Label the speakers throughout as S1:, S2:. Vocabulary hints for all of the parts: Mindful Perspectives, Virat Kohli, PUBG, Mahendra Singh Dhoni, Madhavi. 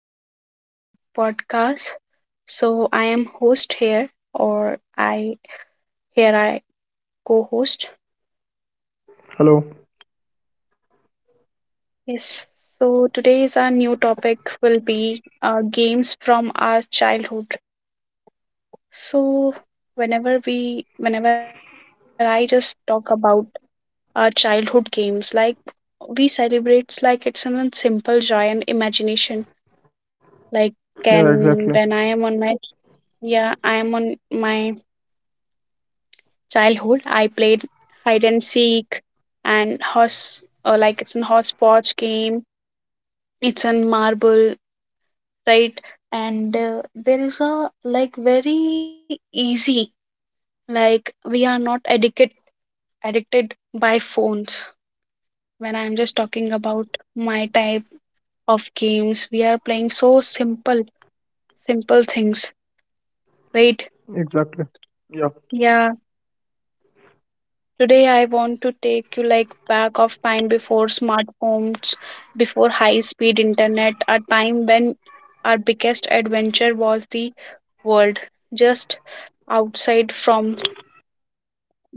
S1: welcome to our podcast. So, I am host here, or I co-host.
S2: Hello.
S1: Yes. So today's our new topic will be games from our childhood. So whenever I just talk about our childhood games, like we celebrate like it's a simple joy and imagination. Like
S2: Yeah, exactly.
S1: can when I am on my yeah I am on my childhood I played hide and seek and horse, like it's an hodgepodge game, it's in marble, right. And there is a like very easy, like we are not addicted by phones. When I'm just talking about my type of games, we are playing so simple things, right,
S2: Exactly. Yeah,
S1: yeah. Today I want to take you like back of time before smartphones, before high speed internet, a time when our biggest adventure was the world just outside from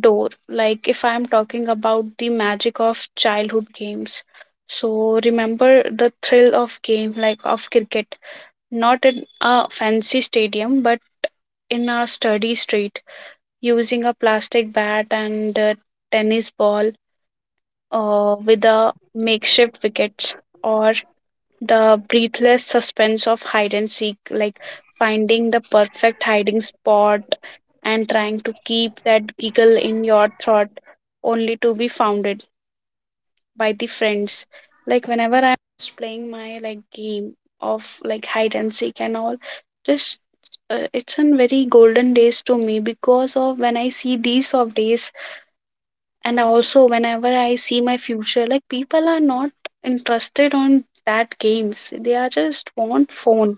S1: door. Like if I'm talking about the magic of childhood games. So remember the thrill of game like of cricket, not in a fancy stadium but in a sturdy street using a plastic bat and a tennis ball, with the makeshift wickets, or the breathless suspense of hide and seek, like finding the perfect hiding spot and trying to keep that giggle in your throat only to be founded by the friends. Like whenever I'm playing my like game of like hide and seek and all, just, it's a very golden days to me, because of when I see these sort of days. And also whenever I see my future, like people are not interested on that games, they are just want phone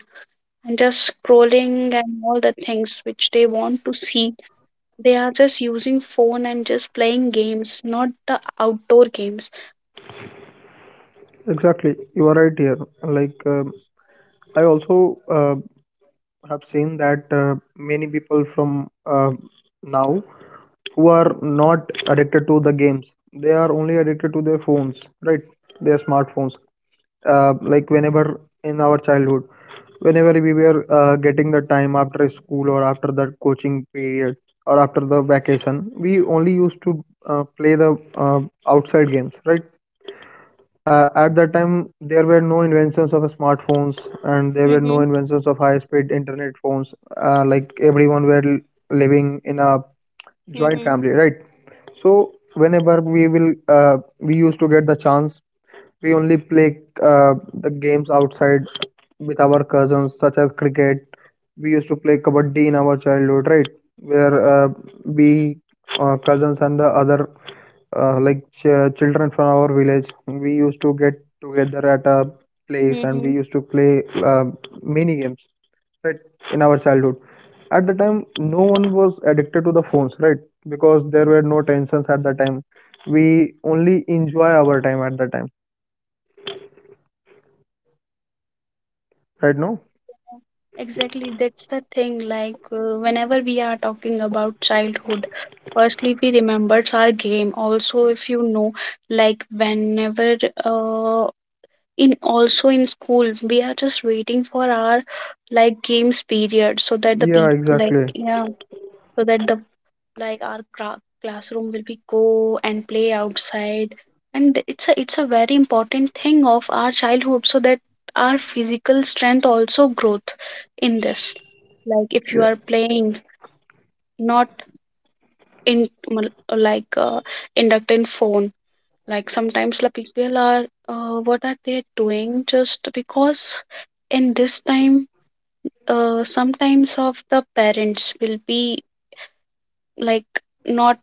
S1: and just scrolling and all the things which they want to see, they are just using phone and just playing games, not the outdoor games.
S2: exactly. You are right here. Like, um, I also have seen that many people from now who are not addicted to the games, they are only addicted to their phones, right? Their smartphones. Like, whenever in our childhood, whenever we were getting the time after school or after the coaching period or after the vacation, we only used to play the outside games, right? At that time there were no inventions of smartphones, and there were no
S1: Mm-hmm.
S2: inventions of high speed internet phones. Like everyone were living in a joint
S1: Mm-hmm.
S2: family, right? So whenever we will we used to get the chance, we only play the games outside with our cousins, such as cricket. We used to play kabaddi in our childhood, right? Where uh, we cousins and the other like children from our village, we used to get together at a place and we
S1: Mm-hmm.
S2: used to play mini games, right? In our childhood, at the time, no one was addicted to the phones, right? Because there were no tensions at the time. We only enjoy our time at the time right now.
S1: Exactly, that's the thing. Like, whenever we are talking about childhood, firstly, we remembers our game. Also, if you know, like, whenever, uh, in also in school we are just waiting for our like games period, so that the
S2: Yeah,
S1: people like,
S2: exactly.
S1: yeah, so that the like our classroom will be go and play outside. And it's a very important thing of our childhood, so that our physical strength also growth in this, like if you
S2: Yeah.
S1: are playing, not in like, inducted phone. Like sometimes the people are, what are they doing, just because in this time, sometimes of the parents will be like not,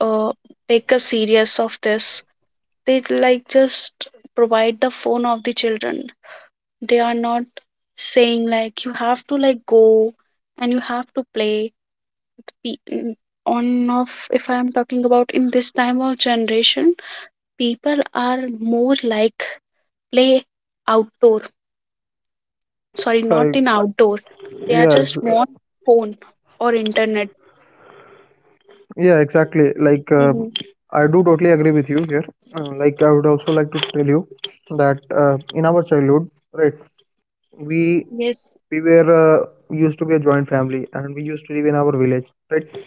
S1: uh, take a serious of this. They like just provide the phone of the children, they are not saying like you have to like go and you have to play. Pe- mm, on off, if I am talking about in this time of generation, people are more like play outdoor. Sorry, not
S2: I,
S1: in outdoor. They are
S2: yeah.
S1: just want phone or internet.
S2: Yeah, exactly.
S1: Mm-hmm.
S2: I do totally agree with you here. Like, I would also like to tell you that in our childhood, right, we
S1: Yes.
S2: we were used to be a joint family and we used to live in our village, right?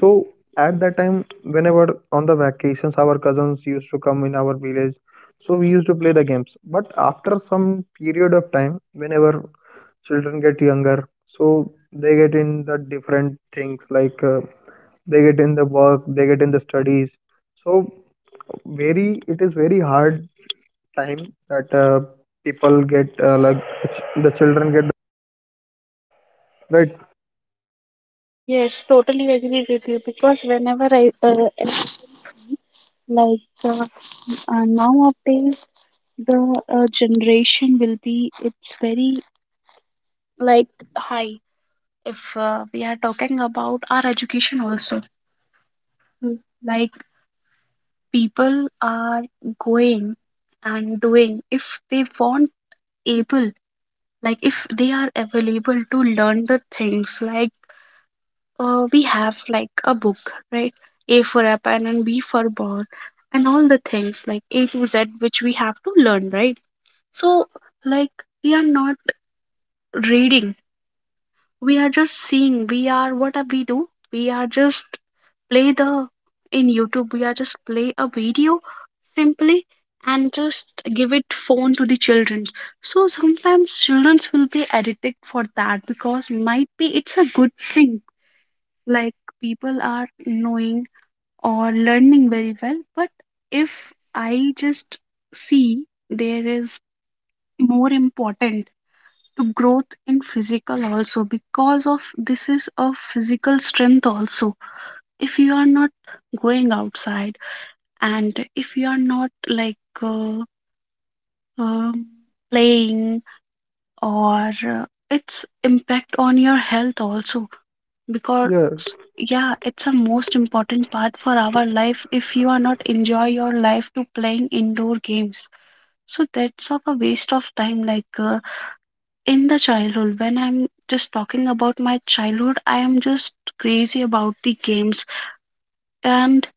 S2: So at that time, whenever on the vacations our cousins used to come in our village, so we used to play the games, but after some period of time, whenever children get younger, so they get in the different things, like they get in the work, they get in the studies. So very it is very hard time that people get like the the children get, right.
S1: Yes, totally agree with you, because whenever I, like uh, nowadays the, generation will be, it's very like high. If, we are talking about our education also. Mm. Like people are going and doing if they want able, like if they are available to learn the things like, we have like a book, right, a for apple and b for ball and all the things like a to z which we have to learn, right. So like we are not reading, we are just seeing, we are what are we do, we are just play the in youtube, we are just play a video, simply, and just give it phone to the children. So sometimes children will be addicted for that, because might be it's a good thing, like people are knowing or learning very well. But if I just see, there is more important to growth in physical also, because of this is a physical strength also, if you are not going outside and if you are not like, uh, um, playing, or its impact on your health also, because,
S2: Yeah.
S1: yeah, it's a most important part for our life. If you are not enjoy your life to playing indoor games, so that's of a waste of time, like, in the childhood. When I'm just talking about my childhood, I am just crazy about the games. And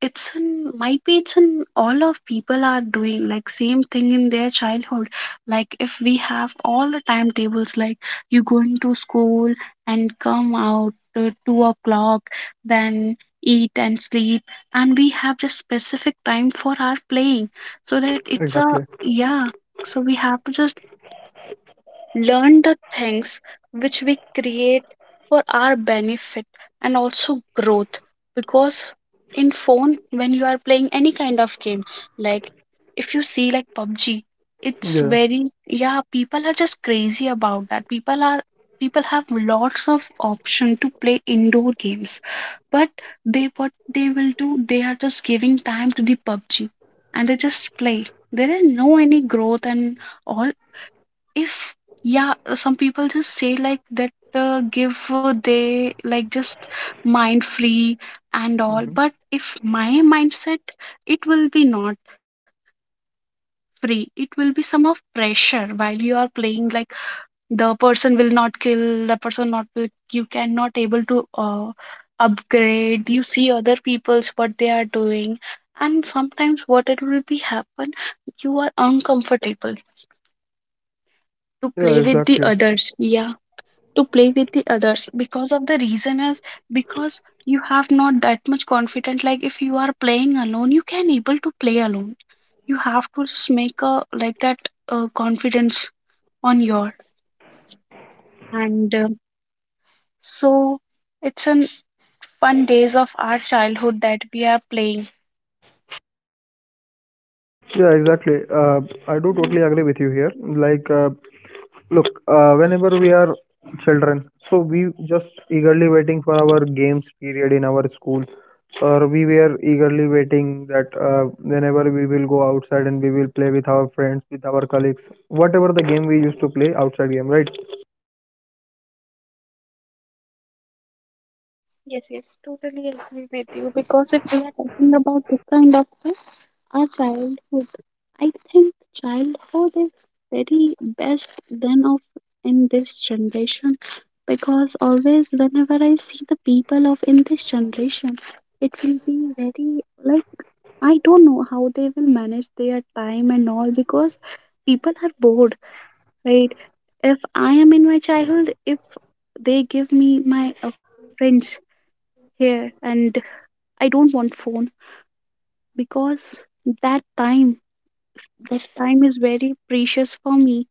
S1: it's an might be it's an all of people are doing like same thing in their childhood, like if we have all the timetables, like you going to school and come out to 2 o'clock, then eat and sleep, and we have just specific time for our playing, so that it's a,
S2: Exactly.
S1: yeah. So we have to just learn the things which we create for our benefit and also growth. Because in phone when you are playing any kind of game, like if you see like PUBG, it's
S2: Yeah.
S1: very, yeah, people are just crazy about that, people are, people have lots of option to play indoor games. But they, what they will do, they are just giving time to the PUBG and they just play, there is no any growth and all. If, yeah, some people just say like that, give, they like just mind free and all.
S2: Hmm.
S1: But if my mindset, it will be not free, it will be some of pressure while you are playing. Like the person will not kill the person, not will, you cannot able to, upgrade, you see other people's what they are doing. And sometimes what it will be happen, you are uncomfortable to
S2: Yeah,
S1: play with the
S2: exactly.
S1: others, yeah, to play with the others. Because of the reason is, because you have not that much confident. Like if you are playing alone, you can able to play alone. You have to just make a like that, confidence on your. And, so it's an fun days of our childhood that we are playing.
S2: Yeah, exactly. I do
S1: Mhm.
S2: totally agree with you here. Like, look, whenever we are children, so we just eagerly waiting for our games period in our school, or we were eagerly waiting that whenever we will go outside and we will play with our friends, with our colleagues, whatever the game we used to play outside game, right?
S1: Yes, yes, totally agree with you, because if we are talking about this kind of thing, our childhood. I think childhood is very best than of in this generation, because always whenever I see the people of in this generation, it will be very like, I don't know how they will manage their time and all, because people are bored, right? If I am in my childhood, if they give me my, friends here, and I don't want phone. Because that time that time is very precious for me.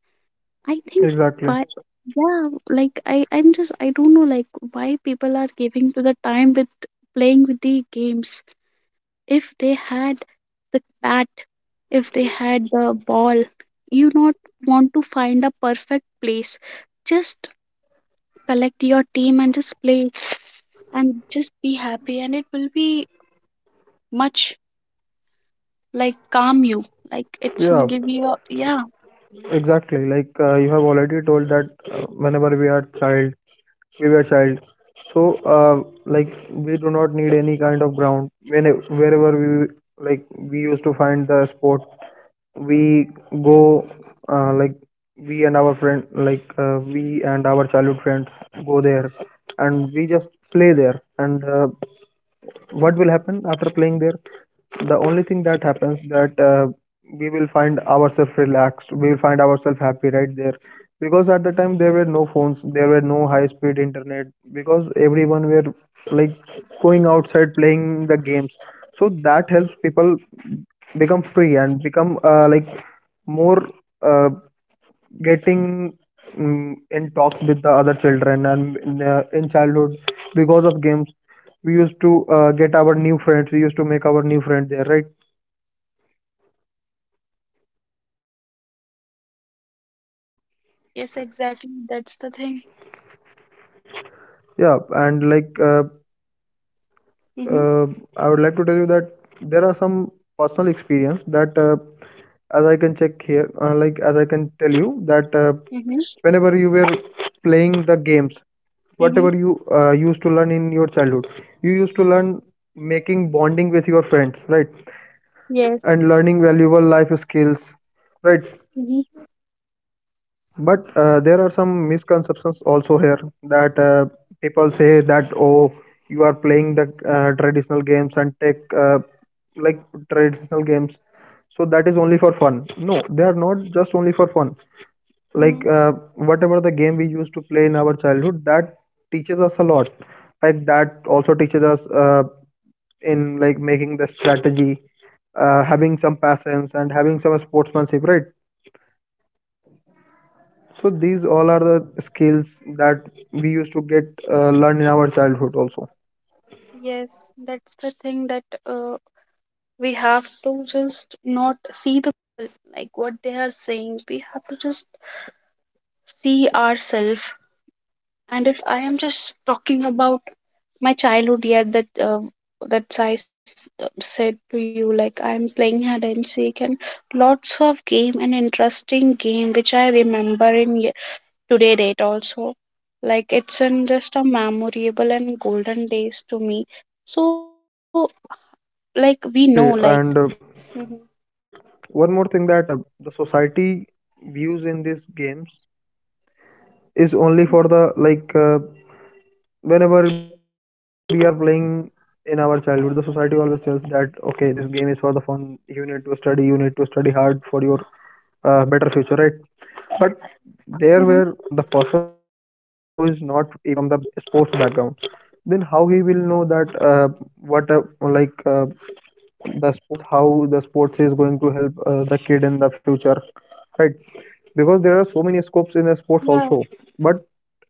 S1: I think,
S2: Exactly.
S1: why, yeah, like I'm just, I don't know like why people are giving to the time with playing with the games. If they had the bat, if they had the ball, you not want to find a perfect place. Just collect your team and just play and just be happy, and it will be much like calm you, like it's will
S2: Yeah,
S1: give you a, yeah.
S2: exactly. You have already told that whenever we are child, we were child, so like we do not need any kind of ground. When wherever we, like, we used to find the sport, we go, like, we and our friend, we and our childhood friends, go there and we just play there. And what will happen after playing there, the only thing that happens, that we will find ourselves relaxed, we will find ourselves happy right there. Because at the time there were no phones, there were no high speed internet. Because everyone were, like, going outside playing the games. So that helps people become free and become like more uh, getting in talks with the other children and in childhood, because of games we used to get our new friends, we used to make our new friend there, right?
S1: Yes, exactly, that's the thing.
S2: Yeah. And
S1: Hmm.
S2: uh, I would like to tell you that there are some personal experience that as I can check here, like as I can tell you that
S1: Mm-hmm.
S2: whenever you were playing the games,
S1: Mm-hmm.
S2: whatever you used to learn in your childhood, you used to learn making bonding with your friends, right,
S1: Yes.
S2: and learning valuable life skills, right?
S1: Mm-hmm.
S2: But there are some misconceptions also here, that people say that, oh, you are playing the traditional games and take like traditional games, so that is only for fun. No, they are not just only for fun. Like,
S1: Mm-hmm.
S2: whatever the game we used to play in our childhood, that teaches us a lot. Like, that also teaches us in like making the strategy, having some patience and having some sportsmanship, right? So these all are the skills that we used to get learn in our childhood also.
S1: Yes, that's the thing, that, we have to just not see the people, like what they are saying. We have to just see ourselves. And if I am just talking about my childhood, yeah, that I said to you, like I am playing hide and seek and lots of game and interesting game which I remember in today date also. Like it's an just a memorable and golden days to me, so, like we know
S2: Yeah,
S1: like,
S2: exactly. And
S1: mhm,
S2: one more thing, that the society views in these games is only
S1: mhm,
S2: for the whenever we are playing in our childhood, the society always tells that, okay, this game is for the fun. You need to study. You need to study hard for your better future, right? But
S1: mhm,
S2: there, where the person who is not even from the sports background, then how he will know that what like the sports, how the sports is going to help the kid in the future, right? Because there are so many
S1: yeah,
S2: scopes in the sports also, but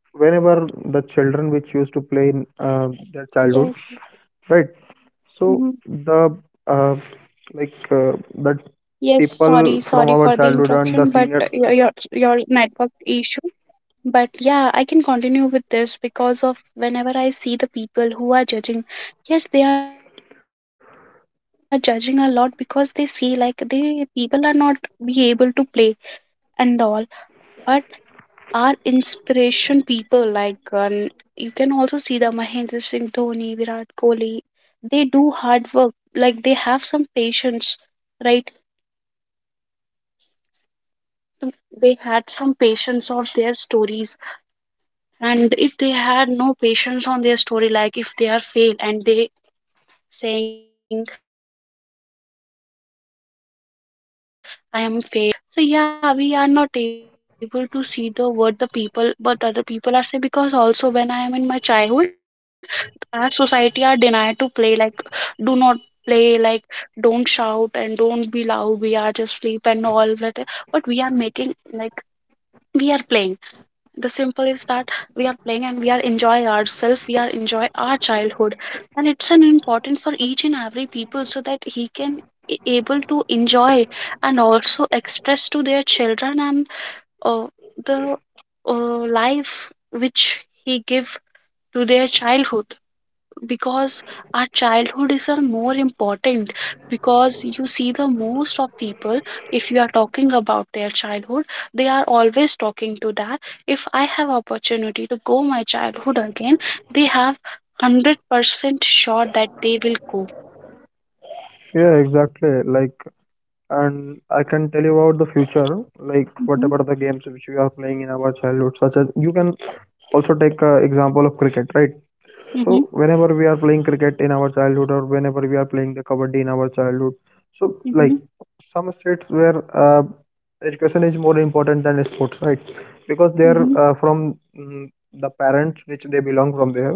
S2: whenever the children which used to play in their
S1: yes,
S2: childhood, right,
S1: hmm,
S2: so the uh, that
S1: yes.
S2: people
S1: sorry
S2: from our
S1: sorry for the
S2: childhood and the
S1: interruption
S2: seniors.
S1: but your network issue. But, yeah, I can continue with this. Because of whenever I see the people who are judging, yes, they are judging a lot, because they see like the people are not be able to play and all. But are inspiration people, like, you can also see the Mahendra Singh Dhoni, Virat Kohli. They do hard work. Like they have some patience, right? So they had some patience on their stories, and if they had no patience on their story, like if they are fail and they saying I am fail, how can I do, they are not just move on, so how will they play. So, yeah, we are not able to see the what the people but other people are saying. Because also when I am in my childhood, our society are denied to play, like do not play, like don't shout and don't be loud, we are just sleep and all that. But we are making like we are playing, the simple is that we are playing and we are enjoy ourselves, we are enjoy our childhood. And it's an important for each and every people, so that he can able to enjoy and also express to their children and, uh, the, life which he give to their childhood. Because our childhood is a more important, because you see the most of people, if you are talking about their childhood, they are always talking to that, if I have opportunity to go my childhood again, they have 100% sure that they will go.
S2: Yeah, exactly. Like, and I can tell you about the future, like
S1: Mm-hmm,
S2: whatever the games which we are playing in our childhood, such as you can also take example of cricket, right? So
S1: mm-hmm,
S2: whenever we are playing cricket in our childhood, or whenever we are playing the kabaddi in our childhood, so
S1: mm-hmm,
S2: like, some states where education is more important than sports, right? Because they are
S1: mm-hmm,
S2: the parents which they belong from there,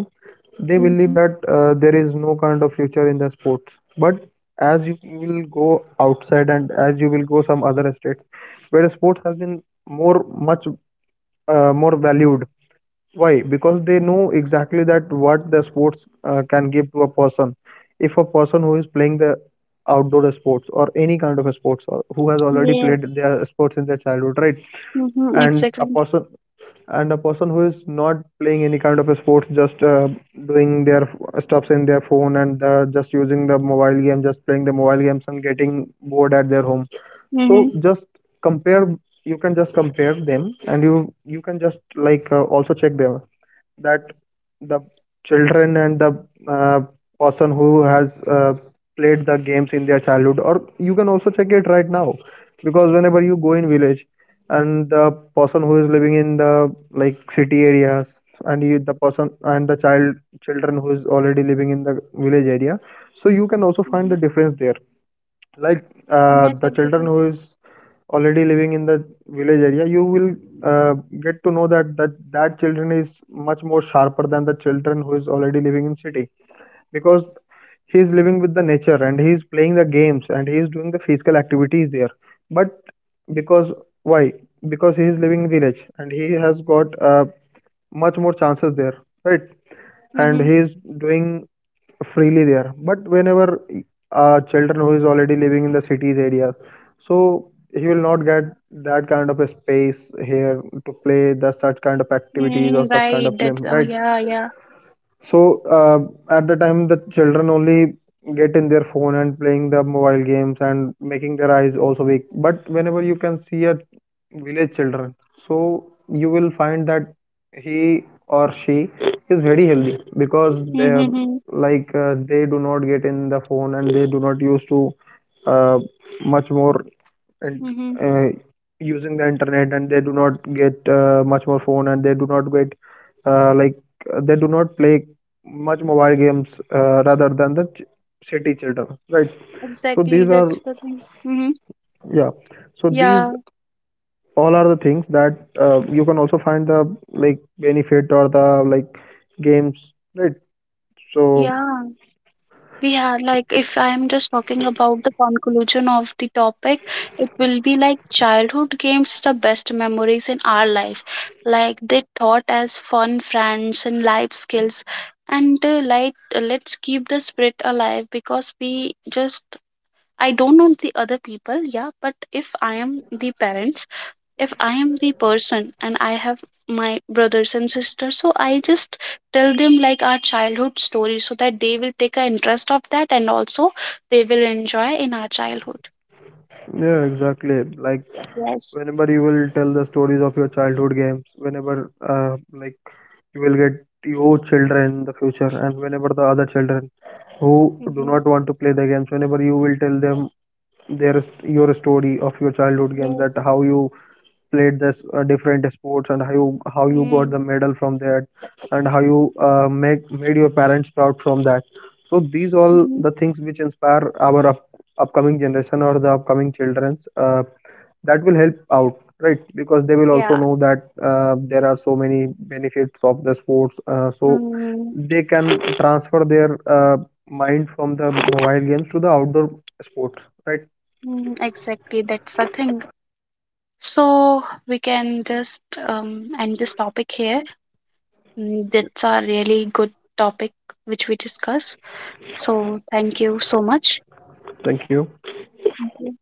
S2: they
S1: mm-hmm.
S2: believe that there is no kind of future in the sports. But as you will go outside and as you will go some other states where sports has been more much more valued. Why? Because they know exactly that what the sports can give to a person. If a person who is playing the outdoor sports or any kind of a sports, or who has already played
S1: Yes.
S2: their sports in their childhood, right?
S1: Mm-hmm,
S2: And a
S1: exactly.
S2: person and a person who is not playing any kind of a sports, just doing their stuffs in their phone and just using the mobile game, just playing the mobile games and getting bored at their home.
S1: Mm-hmm,
S2: So just compare. You can just compare them, and you can just also check them, that the children and the person who has played the games in their childhood. Or you can also check it right now, because whenever you go in village and the person who is living in the like city areas, and you, the person and the children who is already living in the village area, so you can also
S1: mm-hmm.
S2: find the difference there. Like,
S1: Yes,
S2: the
S1: exactly.
S2: children who is already living in the village area, you will uh, get to know that, that children is much more sharper than the children who is already living in city, because he is living with the nature and he is playing the games and he is doing the physical activities there. But because, why? Because he is living in village and he has got much more chances there, right, and
S1: Mm-hmm,
S2: he is doing freely there. But whenever children who is already living in the cities areas, so he will not get that kind of a space here to play the such kind of activities or
S1: mm,
S2: such kind of
S1: right,
S2: play,
S1: that, oh,
S2: right?
S1: yeah, yeah.
S2: So, at the time, the children only get in their phone and playing the mobile games and making their eyes also weak. But whenever you can see a village children, so you will find that he or she is very healthy, because they are
S1: Mm-hmm,
S2: like, they do not get in the phone and they do not use to uh, much more and
S1: mm-hmm.
S2: uh, using the internet, and they do not get much more phone, and they do not get uh, like they do not play much mobile games rather than the city children, right? So
S1: Exactly,
S2: these are,
S1: that's the thing. Hmm.
S2: yeah, so
S1: Yeah,
S2: these all are the things that you can also find the like benefit or the like games, right? So
S1: yeah, we are like, if I am just talking about the conclusion of the topic, it will be like childhood games, the best memories in our life. Like they taught us fun, friends, and life skills. And, like, let's keep the spirit alive, because we just, I don't know the other people, yeah, but if I am the parents. If I am the person and I have my brothers and sisters, so I just tell them like our childhood story, so that they will take an interest of that and also they will enjoy in our childhood.
S2: yeah, exactly. Like,
S1: Yes.
S2: whenever you will tell the stories of your childhood games, whenever like you will get your children in the future, and whenever the other children who do
S1: Mm-hmm.
S2: not want to play the games, whenever you will tell them their your story of your childhood game, that
S1: Yes.
S2: how you played this different sports, and how you, got
S1: Mm.
S2: the medal from that, and how you make made your parents proud from that, so these all
S1: Mhm.
S2: the things which inspire our upcoming generation or the upcoming children's that will help out, right? Because they will also
S1: Yeah.
S2: know that there are so many benefits of the sports, so
S1: Mm,
S2: they can transfer their mind from the mobile games to the outdoor sports, right?
S1: mm, exactly, that's the thing. So we can just, end this topic here. That's a really good topic which we discuss. So thank you so much.
S2: Thank you.
S1: Thank you.